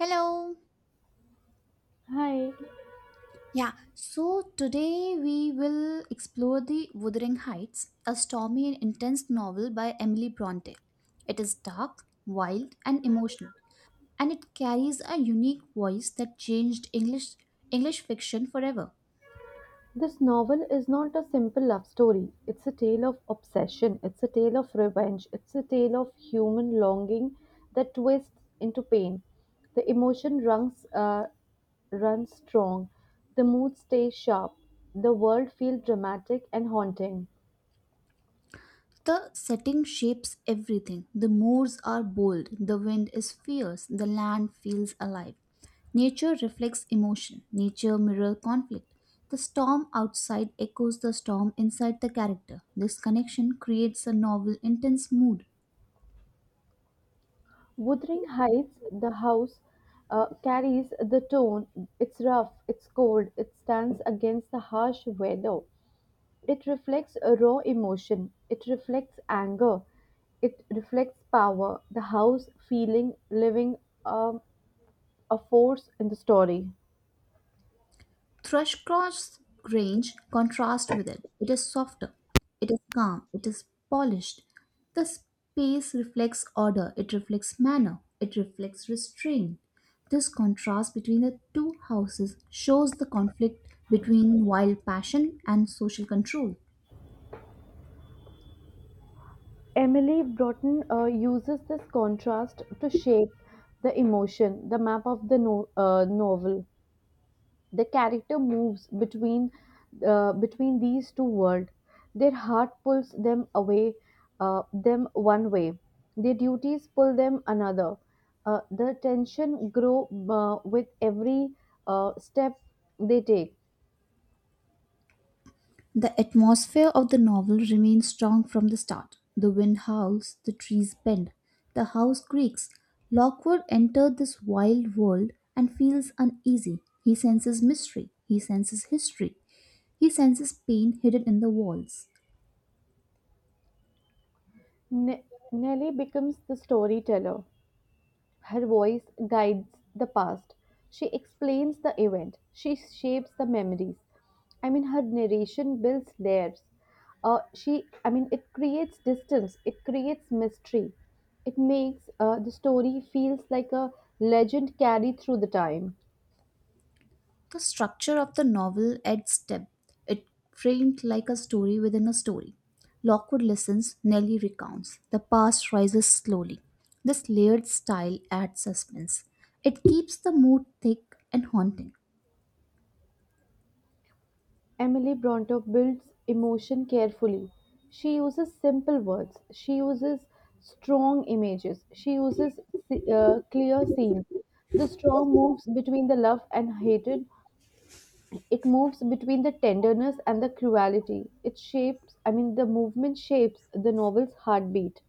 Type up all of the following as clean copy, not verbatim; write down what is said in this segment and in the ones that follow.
Hello. Hi. Yeah, so today we will explore The Wuthering Heights, a stormy and intense novel by Emily Bronte. It is dark, wild, and emotional, and it carries a unique voice that changed English fiction forever. This novel is not a simple love story. It's a tale of obsession. It's a tale of revenge. It's a tale of human longing that twists into pain. The emotion runs strong. The mood stays sharp. The world feels dramatic and haunting. The setting shapes everything. The moors are bold, the wind is fierce, the land feels alive. Nature reflects emotion, nature mirrors conflict. The storm outside echoes the storm inside the character. This connection creates a novel, intense mood. Wuthering Heights, the house, carries the tone. It's rough, it's cold, it stands against the harsh weather. It reflects a raw emotion, it reflects anger, it reflects power, the house feeling, living um, a force in the story. Thrushcross Grange contrasts with it. It is softer, it is calm, it is polished. The space reflects order, it reflects manner, it reflects restraint. This contrast between the two houses shows the conflict between wild passion and social control. Emily Broughton uses this contrast to shape the emotion, the map of the novel. The character moves between these two worlds. Their heart pulls them away, them one way. Their duties pull them another. The tension grow with every step they take. The atmosphere of the novel remains strong from the start. The wind howls, the trees bend, the house creaks. Lockwood entered this wild world and feels uneasy. He senses mystery, he senses history, he senses pain hidden in the walls. Ne- Nelly becomes the storyteller. Her voice guides the past. She explains the event. She shapes the memories. I mean, her narration builds layers. I mean, it creates distance. It creates mystery. It makes the story feels like a legend carried through the time. The structure of the novel adds depth. It framed like a story within a story. Lockwood listens, Nelly recounts. The past rises slowly. This layered style adds suspense. It keeps the mood thick and haunting. Emily Bronte builds emotion carefully. She uses simple words. She uses strong images. She uses clear scenes. The strong moves between the love and hatred. It moves between the tenderness and the cruelty. I mean, the movement shapes the novel's heartbeat.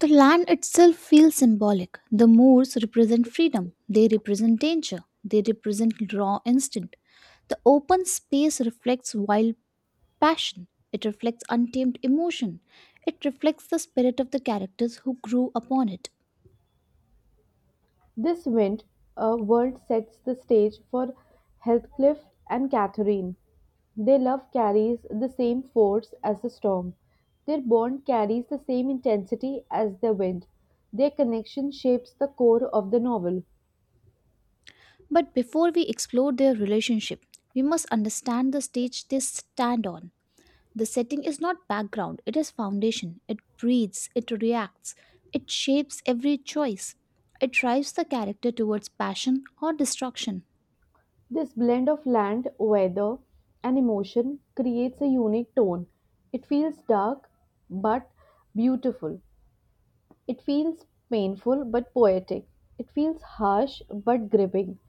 The land itself feels symbolic. The moors represent freedom, they represent danger, they represent raw instinct. The open space reflects wild passion. It reflects untamed emotion. It reflects the spirit of the characters who grew upon it. This wind, a world sets the stage for Heathcliff and Catherine. Their love carries the same force as the storm. Their bond carries the same intensity as the wind. Their connection shapes the core of the novel. But before we explore their relationship, we must understand the stage they stand on. The setting is not background, it is foundation. It breathes, it reacts, it shapes every choice. It drives the character towards passion or destruction. This blend of land, weather, and emotion creates a unique tone. It feels dark but beautiful. It feels painful but poetic. It feels harsh but gripping.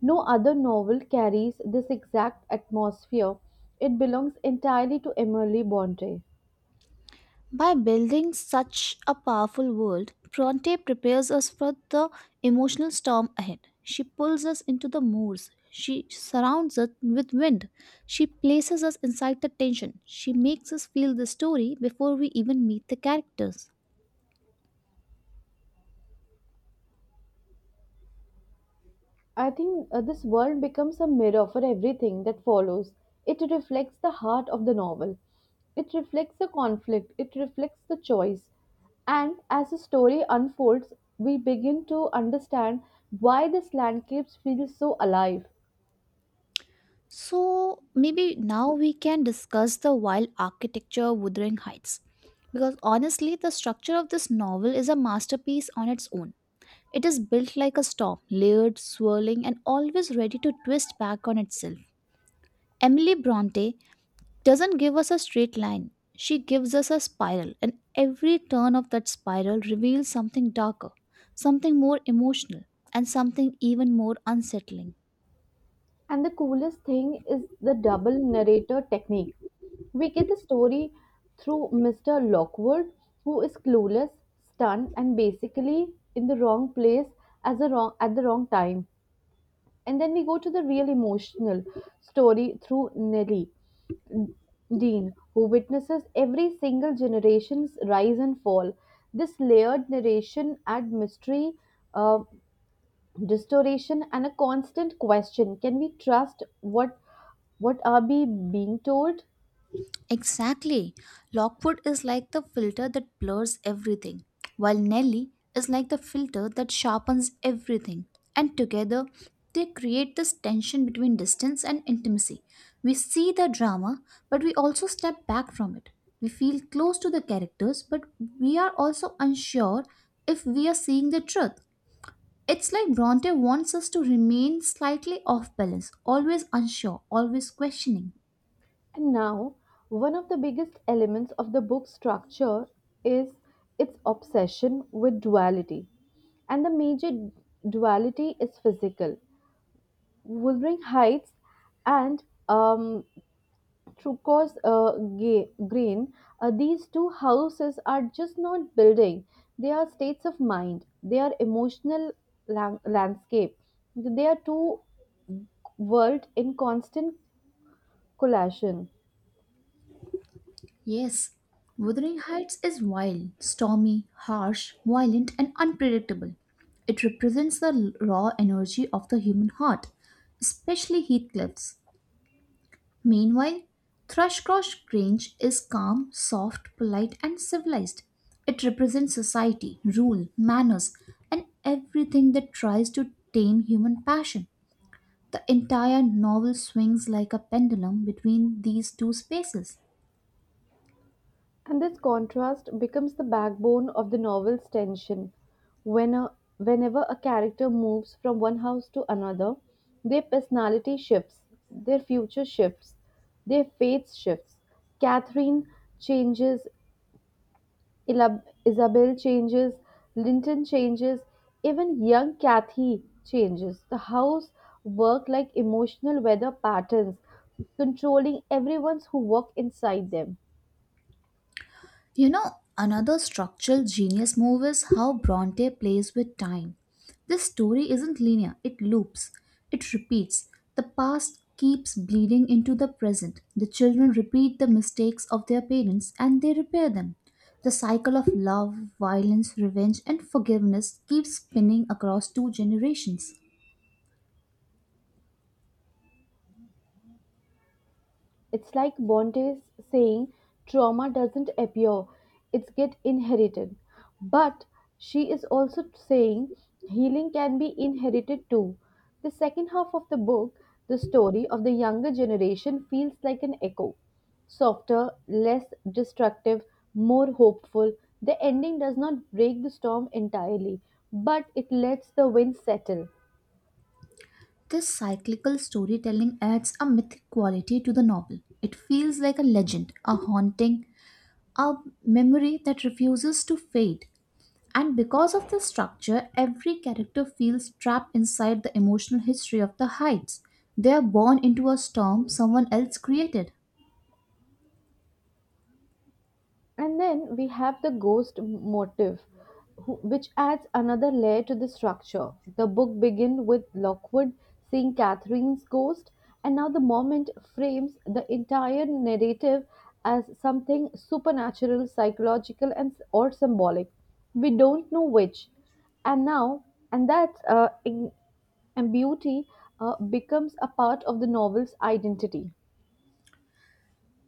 No other novel carries this exact atmosphere. It belongs entirely to Emily Bronte. By building such a powerful world, Bronte prepares us for the emotional storm ahead. She pulls us into the moors. She surrounds us with wind. She places us inside the tension. She makes us feel the story before we even meet the characters. I think this world becomes a mirror for everything that follows. It reflects the heart of the novel. It reflects the conflict. It reflects the choice. And as the story unfolds, we begin to understand why this landscape feels so alive. So, maybe now we can discuss the wild architecture of Wuthering Heights. Because honestly, the structure of this novel is a masterpiece on its own. It is built like a storm, layered, swirling, and always ready to twist back on itself. Emily Bronte doesn't give us a straight line, she gives us a spiral, and every turn of that spiral reveals something darker, something more emotional, and something even more unsettling. And the coolest thing is the double narrator technique. We get the story through Mr. Lockwood, who is clueless, stunned, and basically in the wrong place at the wrong time. And then we go to the real emotional story through Nellie Dean, who witnesses every single generation's rise and fall. This layered narration adds mystery, uh, restoration, and a constant question: can we trust what are we being told? Exactly. Lockwood is like the filter that blurs everything, while Nelly is like the filter that sharpens everything. And together, they create this tension between distance and intimacy. We see the drama, but we also step back from it. We feel close to the characters, but we are also unsure if we are seeing the truth. It's like Bronte wants us to remain slightly off balance, always unsure, always questioning. And now one of the biggest elements of the book's structure is its obsession with duality, and the major duality is physical: Wuthering Heights and Trukos Green. These two houses are just not building. They are states of mind. They are emotional landscape. They are two world in constant collision. Yes, Wuthering Heights is wild, stormy, harsh, violent, and unpredictable. It represents the raw energy of the human heart, especially Heathcliff's. Meanwhile, Thrushcross Grange is calm, soft, polite, and civilized. It represents society, rule, manners, and everything that tries to tame human passion. The entire novel swings like a pendulum between these two spaces. And this contrast becomes the backbone of the novel's tension. When a, whenever a character moves from one house to another, their personality shifts, their future shifts, their faith shifts. Catherine changes, Isabel changes, Linton changes, even young Kathy changes. The house work like emotional weather patterns, controlling everyone's who work inside them. You know, another structural genius move is how Bronte plays with time. This story isn't linear, it loops, it repeats. The past keeps bleeding into the present. The children repeat the mistakes of their parents and they repair them. The cycle of love, violence, revenge, and forgiveness keeps spinning across two generations. It's like Bonte's saying trauma doesn't appear, it's get inherited. But she is also saying healing can be inherited too. The second half of the book, the story of the younger generation feels like an echo. Softer, less destructive, more hopeful. The ending does not break the storm entirely, but it lets the wind settle. This cyclical storytelling adds a mythic quality to the novel. It feels like a legend, a haunting, a memory that refuses to fade. And because of this structure, every character feels trapped inside the emotional history of the heights. They are born into a storm someone else created. And then we have the ghost motif, which adds another layer to the structure. The book begins with Lockwood seeing Catherine's ghost, and now the moment frames the entire narrative as something supernatural, psychological, and or symbolic. We don't know which, and now and that in, and beauty becomes a part of the novel's identity.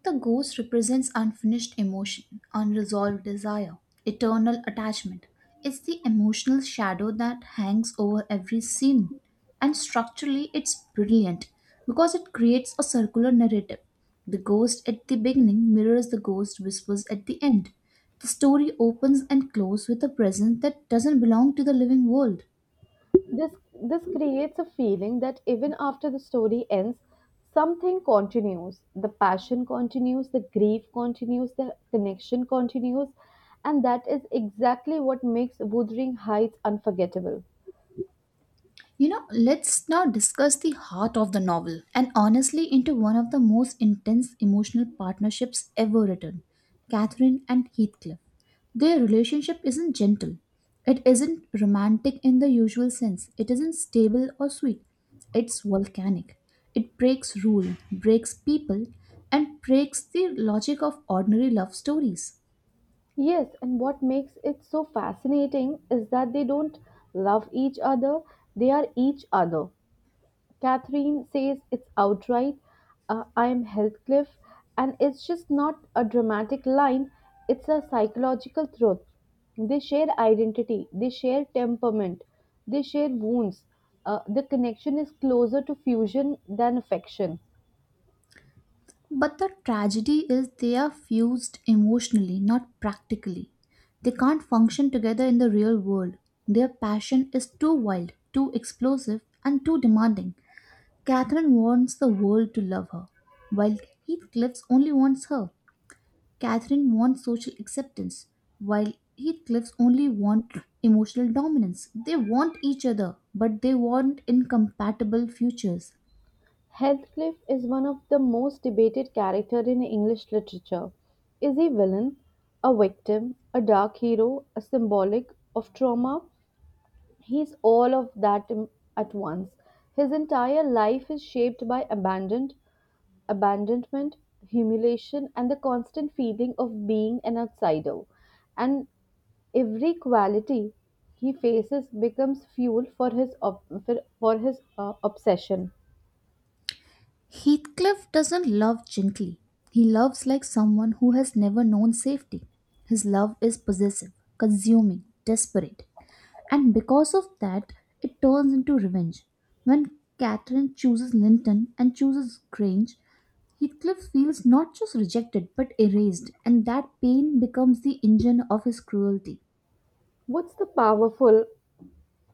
The ghost represents unfinished emotion, unresolved desire, eternal attachment. It's the emotional shadow that hangs over every scene. And structurally, it's brilliant because it creates a circular narrative. The ghost at the beginning mirrors the ghost whispers at the end. The story opens and closes with a presence that doesn't belong to the living world. This creates a feeling that even after the story ends, something continues. The passion continues, the grief continues, the connection continues, and that is exactly what makes Wuthering Heights unforgettable. You know, let's now discuss the heart of the novel and honestly into one of the most intense emotional partnerships ever written Catherine and Heathcliff. Their relationship isn't gentle, it isn't romantic in the usual sense, it isn't stable or sweet, it's volcanic. It breaks rule, breaks people, and breaks the logic of ordinary love stories. Yes, and what makes it so fascinating is that they don't love each other, they are each other. Catherine says it's outright, I'm Heathcliff, and it's just not a dramatic line, it's a psychological truth. They share identity, they share temperament, they share wounds. The connection is closer to fusion than affection. But the tragedy is they are fused emotionally, not practically. They can't function together in the real world. Their passion is too wild, too explosive, and too demanding. Catherine wants the world to love her, while Heathcliff's only wants her. Catherine wants social acceptance, while Heathcliff's only want emotional dominance. They want each other, but they want incompatible futures. Heathcliff is one of the most debated characters in English literature. Is he villain, a victim, a dark hero, a symbolic of trauma? He's all of that at once. His entire life is shaped by abandonment, humiliation, and the constant feeling of being an outsider. And every quality he faces becomes fuel for his obsession. Heathcliff doesn't love gently. He loves like someone who has never known safety. His love is possessive, consuming, desperate. And because of that, it turns into revenge. When Catherine chooses Linton and chooses Grange, Heathcliff feels not just rejected but erased, and that pain becomes the engine of his cruelty. What's the powerful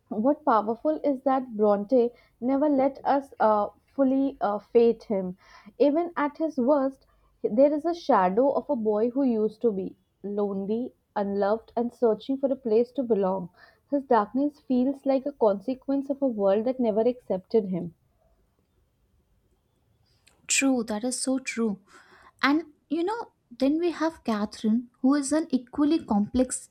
what powerful is that Bronte never let us fully fate him. Even at his worst, there is a shadow of a boy who used to be lonely, unloved, and searching for a place to belong. His darkness feels like a consequence of a world that never accepted him. True, that is so true. And you know, then we have Catherine, who is an equally complex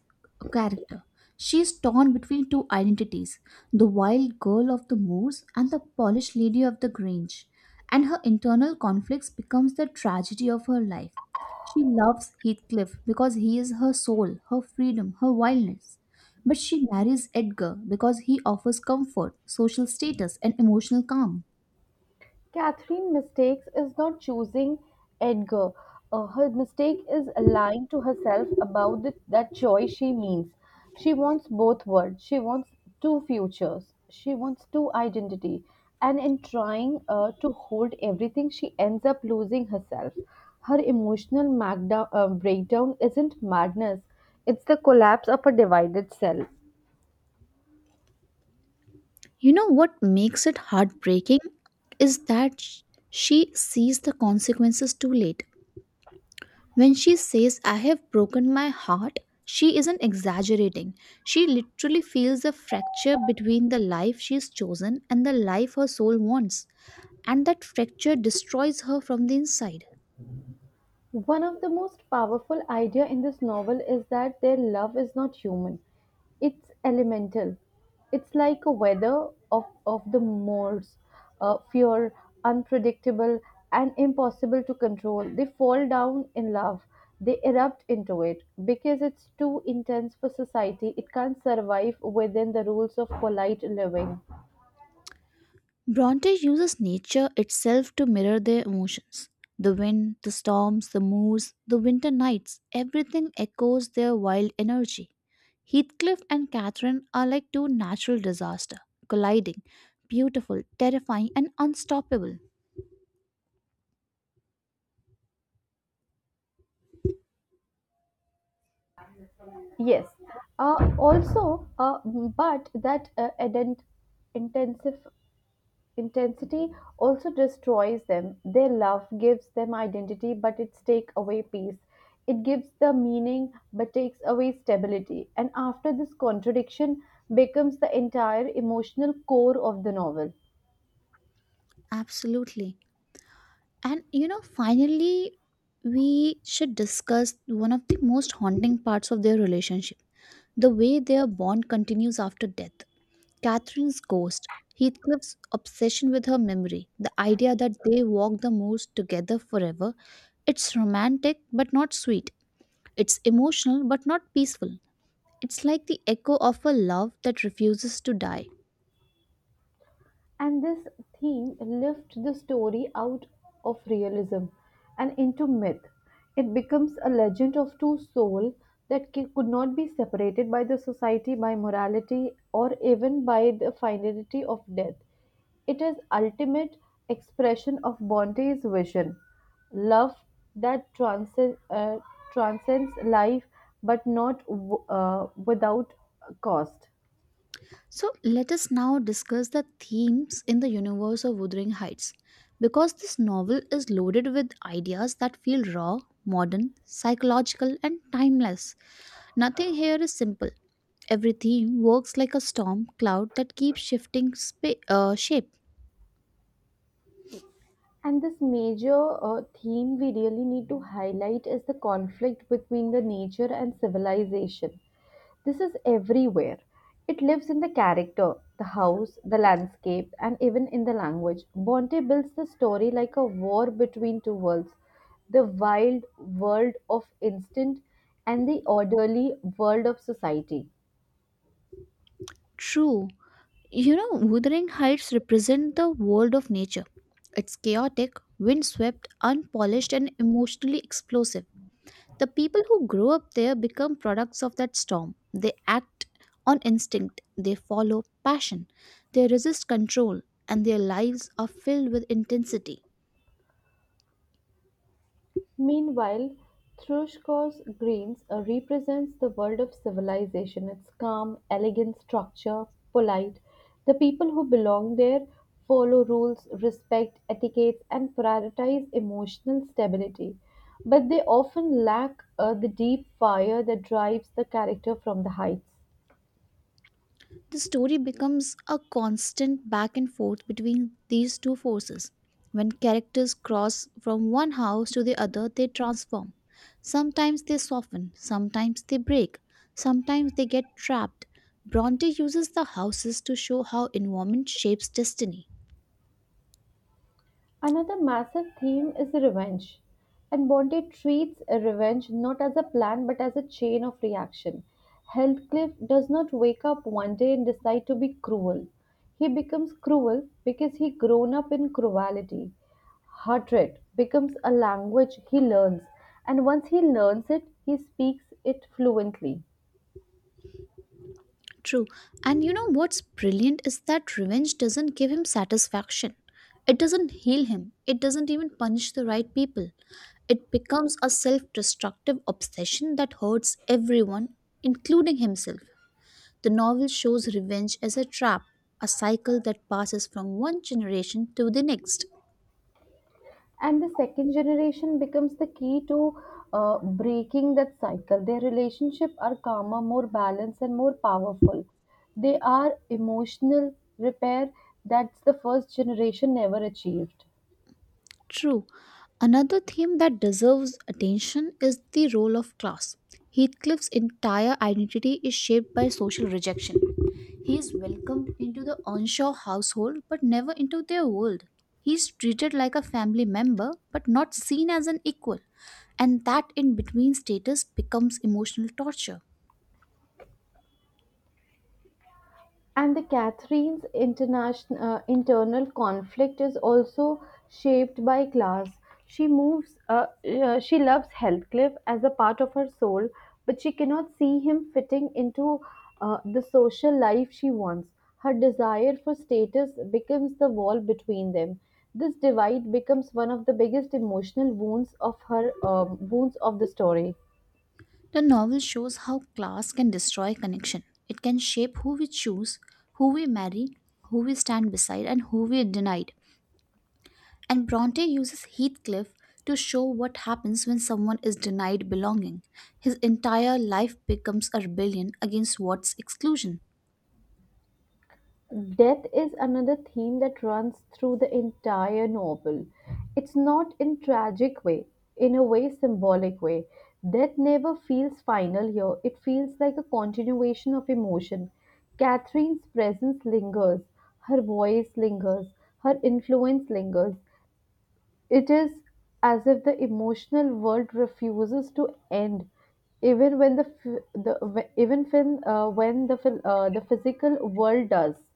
character. She is torn between two identities the wild girl of the moors and the polished lady of the grange. And her internal conflicts becomes the tragedy of her life. She loves Heathcliff because he is her soul, her freedom, her wildness. But she marries Edgar because he offers comfort, social status, and emotional calm. Catherine mistakes is not choosing Edgar. Her mistake is lying to herself about that choice she means. She wants both worlds. She wants two futures. She wants two identity. And in trying to hold everything, she ends up losing herself. Her emotional breakdown isn't madness. It's the collapse of a divided self. You know what makes it heartbreaking is that she sees the consequences too late. When she says, I have broken my heart, she isn't exaggerating. She literally feels the fracture between the life she's chosen and the life her soul wants, and that fracture destroys her from the inside. One of the most powerful idea in this novel is that their love is not human. It's elemental. It's like a weather of the moors, fear, unpredictable and impossible to control. They fall down in love. They erupt into it because it's too intense for society. It can't survive within the rules of polite living. Bronte uses nature itself to mirror their emotions. The wind, the storms, the moors, the winter nights, everything echoes their wild energy. Heathcliff and Catherine are like two natural disasters, colliding, beautiful, terrifying, and unstoppable. Yes. Also, but that ident- intensive intensity also destroys them. Their love gives them identity, but it takes away peace. It gives the meaning, but takes away stability. And after this contradiction becomes the entire emotional core of the novel. Absolutely. And you know, finally, we should discuss one of the most haunting parts of their relationship the way their bond continues after death. Catherine's ghost, Heathcliff's obsession with her memory, the idea that they walk the moors together forever. It's romantic but not sweet. It's emotional but not peaceful. It's like the echo of a love that refuses to die. And this theme lifts the story out of realism and into myth. It becomes a legend of two souls that could not be separated by the society, by morality, or even by the finality of death. It is ultimate expression of Bonte's vision, love that transcends life, but not without cost. So let us now discuss the themes in the universe of Wuthering Heights. Because this novel is loaded with ideas that feel raw, modern, psychological, and timeless, nothing here is simple. Everything works like a storm cloud that keeps shifting shape. And this major theme we really need to highlight is the conflict between the nature and civilization. This is everywhere. It lives in the character, the house, the landscape, and even in the language. Bonte builds the story like a war between two worlds: the wild world of instinct and the orderly world of society. True. You know, Wuthering Heights represent the world of nature. It's chaotic, windswept, unpolished, and emotionally explosive. The people who grow up there become products of that storm. They act on instinct, they follow passion, they resist control, and their lives are filled with intensity. Meanwhile, Trushkov's greens represents the world of civilization, its calm, elegant structure, polite. The people who belong there follow rules, respect etiquettes, and prioritize emotional stability. But they often lack the deep fire that drives the character from the heights. The story becomes a constant back and forth between these two forces. When characters cross from one house to the other, they transform. Sometimes they soften, sometimes they break, sometimes they get trapped. Bronte uses the houses to show how environment shapes destiny. Another massive theme is revenge. And Bronte treats revenge not as a plan but as a chain of reaction. Heathcliff does not wake up one day and decide to be cruel. He becomes cruel because he grown up in cruelty. Hatred becomes a language he learns, and once he learns it, he speaks it fluently. True. And you know what's brilliant is that revenge doesn't give him satisfaction. It doesn't heal him. It doesn't even punish the right people. It becomes a self destructive obsession that hurts everyone, including himself. The novel shows revenge as a trap, a cycle that passes from one generation to the next. And the second generation becomes the key to breaking that cycle. Their relationship are calmer, more balanced, and more powerful. They are emotional repair that's the first generation never achieved. True. Another theme that deserves attention is the role of class. Heathcliff's entire identity is shaped by social rejection. He is welcomed into the onshore household but never into their world. He is treated like a family member but not seen as an equal, and that in between status becomes emotional torture. And the Catherine's internal conflict is also shaped by class. She moves. She loves Heathcliff as a part of her soul, but she cannot see him fitting into the social life she wants. Her desire for status becomes the wall between them. This divide becomes one of the biggest emotional wounds of her wounds of the story. The novel shows how class can destroy connection. It can shape who we choose, who we marry, who we stand beside, and who we denied. And Bronte uses Heathcliff to show what happens when someone is denied belonging. His entire life becomes a rebellion against what's exclusion. Death is another theme that runs through the entire novel. It's not in tragic way, in a way symbolic way. Death never feels final here. It feels like a continuation of emotion. Catherine's presence lingers, her voice lingers, her influence lingers. It is as if the emotional world refuses to end even when when the physical world does.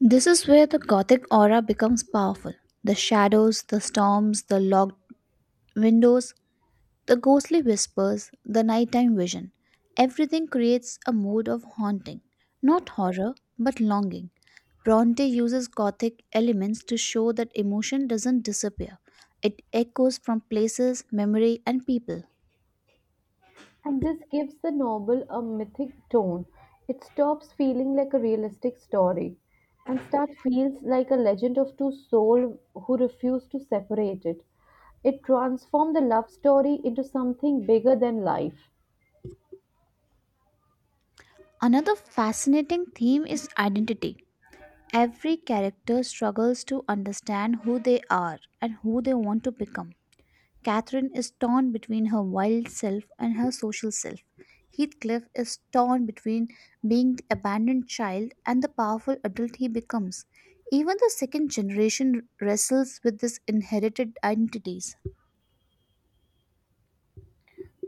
This is where the Gothic aura becomes powerful. The shadows, the storms, the locked windows, the ghostly whispers, the nighttime vision, everything creates a mood of haunting, not horror, but longing. Bronte uses gothic elements to show that emotion doesn't disappear, it echoes from places, memory, and people. And this gives the novel a mythic tone. It stops feeling like a realistic story and start feels like a legend of two souls who refuse to separate it. It transformed the love story into something bigger than life. Another fascinating theme is identity. Every character struggles to understand who they are and who they want to become. Catherine is torn between her wild self and her social self. Heathcliff is torn between being the abandoned child and the powerful adult he becomes. Even the second generation wrestles with these inherited identities.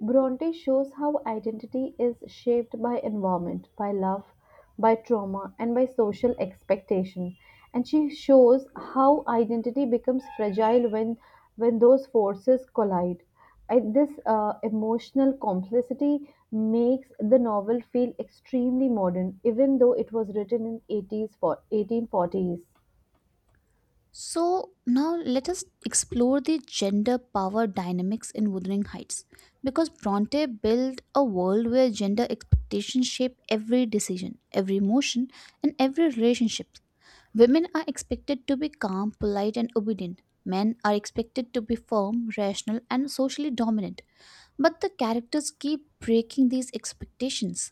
Bronte shows how identity is shaped by environment, by love, by trauma, and by social expectation. And she shows how identity becomes fragile when those forces collide. This emotional complexity makes the novel feel extremely modern, even though it was written in 80s for 1840s. So now let us explore the gender power dynamics in Wuthering Heights because Bronte built a world where gender expectations shape every decision, every emotion, and every relationship. Women are expected to be calm, polite, and obedient. Men are expected to be firm, rational, and socially dominant. But the characters keep breaking these expectations.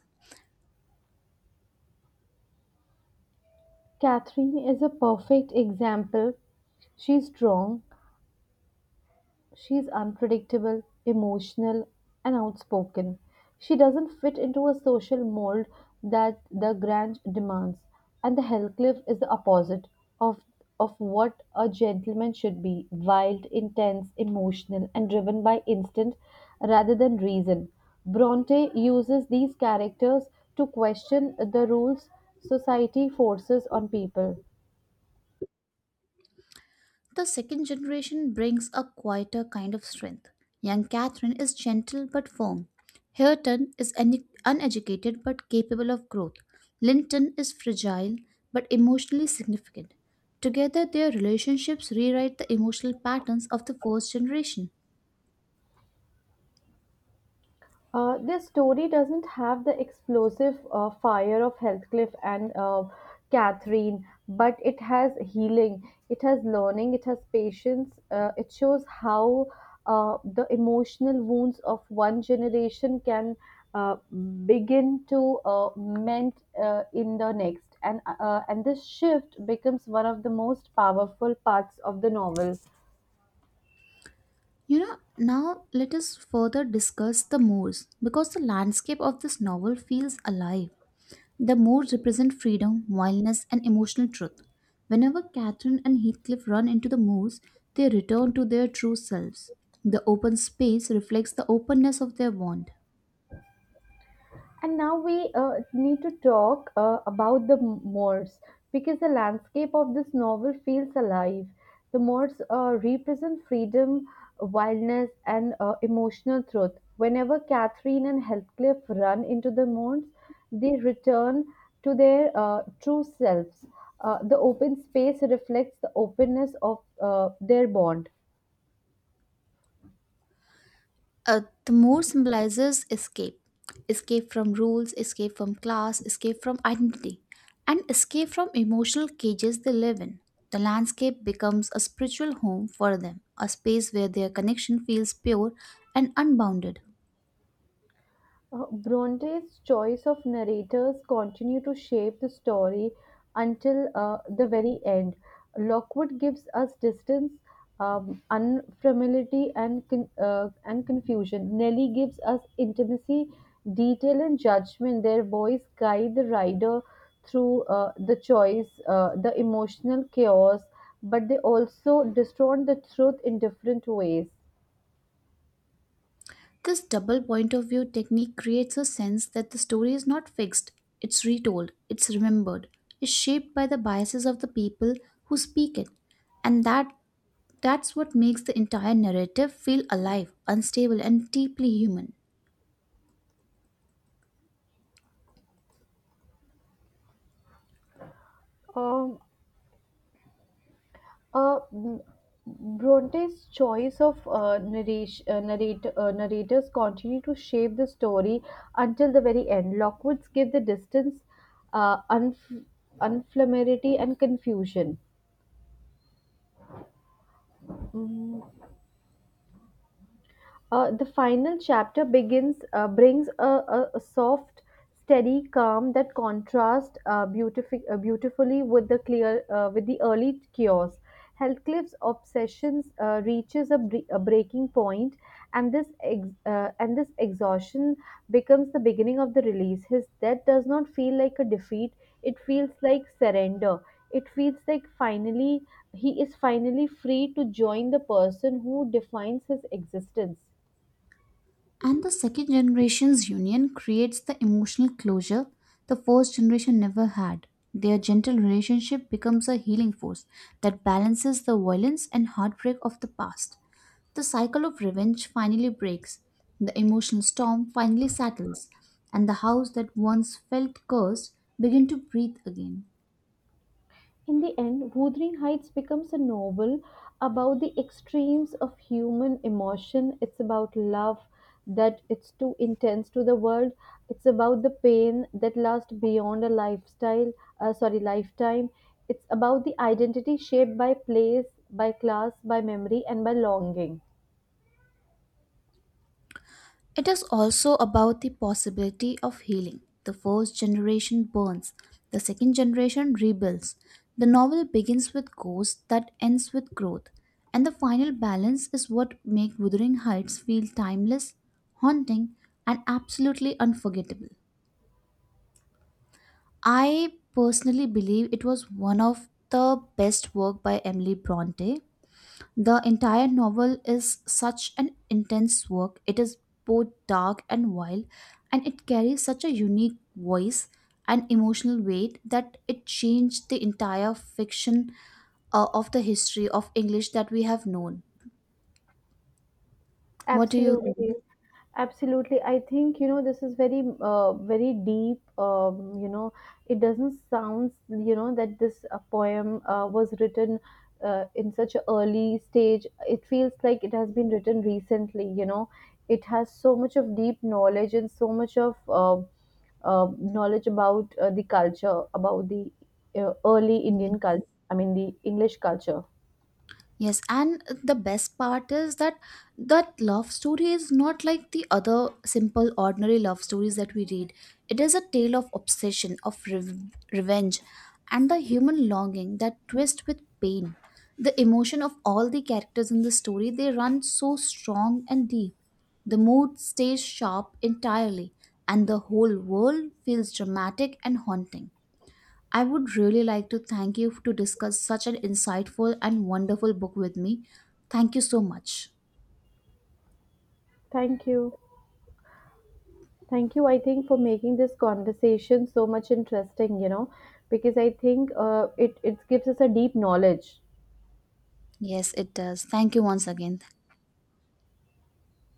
Catherine is a perfect example. She's strong, she's unpredictable, emotional, and outspoken. She doesn't fit into a social mold that the Grange demands, and the Hellcliff is the opposite of of what a gentleman should be: wild, intense, emotional, and driven by instinct rather than reason. Bronte uses these characters to question the rules society forces on people. The second generation brings a quieter kind of strength. Young Catherine is gentle but firm. Hareton is uneducated but capable of growth. Linton is fragile but emotionally significant. Together, their relationships rewrite the emotional patterns of the first generation. This story doesn't have the explosive fire of Heathcliff and Catherine, but it has healing, it has learning, it has patience. It shows how the emotional wounds of one generation can uh, begin to mend in the next, and this shift becomes one of the most powerful parts of the novel. You know, now let us further discuss the Moors because the landscape of this novel feels alive. The moors represent freedom, wildness, and emotional truth. Whenever Catherine and Heathcliff run into the moors, they return to their true selves. The open space reflects the openness of their bond. And now we need to talk about the Moors, because the landscape of this novel feels alive. The Moors represent freedom, wildness, and emotional truth. Whenever Catherine and Heathcliff run into the Moors, they return to their true selves. The open space reflects the openness of their bond. The moor symbolizes escape escape from rules, escape from class, escape from identity, and escape from emotional cages they live in. The landscape becomes a spiritual home for them, a space where their connection feels pure and unbounded. Bronte's choice of narrators continue to shape the story until the very end. Lockwood gives us distance, unfamiliarity, and and confusion. Nelly gives us intimacy, detail, and judgment. Their voice guide the rider through the choice, the emotional chaos, but they also distort the truth in different ways. This double point of view technique creates a sense that the story is not fixed, it's retold, it's remembered, it's shaped by the biases of the people who speak it. And that's what makes the entire narrative feel alive, unstable, and deeply human. Um, Uh, m- Bronte's choice of narrators continue to shape the story until the very end. Lockwood's give the distance, uh, unf- unflammability, and confusion. The final chapter begins brings a soft, steady calm that contrasts beautifully with the clear with the early chaos. Heathcliff's obsessions reaches a breaking point, and this exhaustion becomes the beginning of the release. His death does not feel like a defeat; it feels like surrender. It feels like finally he is finally free to join the person who defines his existence. And the second generation's union creates the emotional closure the first generation never had. Their gentle relationship becomes a healing force that balances the violence and heartbreak of the past. The cycle of revenge finally breaks, the emotional storm finally settles, and the house that once felt cursed begin to breathe again. In the end, Wuthering Heights becomes a novel about the extremes of human emotion. It's about love that it's too intense to the world. It's about the pain that lasts beyond a lifetime. It's about the identity shaped by place, by class, by memory, and by longing. It is also about the possibility of healing. The first generation burns, the second generation rebuilds. The novel begins with ghosts that ends with growth, and the final balance is what makes Wuthering Heights feel timeless, haunting, and absolutely unforgettable. I personally believe it was one of the best work by Emily Bronte the entire novel is such an intense work. It is both dark and wild, and it carries such a unique voice and emotional weight that it changed the entire fiction of the history of English that we have known. What do you Absolutely. think? Absolutely. I think, you know, this is very deep. It doesn't sound that this poem was written in such an early stage. It feels like it has been written recently. It has so much of deep knowledge and so much of knowledge about the culture, about the early Indian culture, I mean, the English culture. Yes, and the best part is that that love story is not like the other simple, ordinary love stories that we read. It is a tale of obsession, of revenge, and the human longing that twist with pain. The emotion of all the characters in the story they run so strong and deep. The mood stays sharp entirely, and the whole world feels dramatic and haunting. I would really like to thank you to discuss such an insightful and wonderful book with me. Thank you so much. Thank you. Thank you, I think, for making this conversation so much interesting, because I think it gives us a deep knowledge Yes, it does. Thank you once again.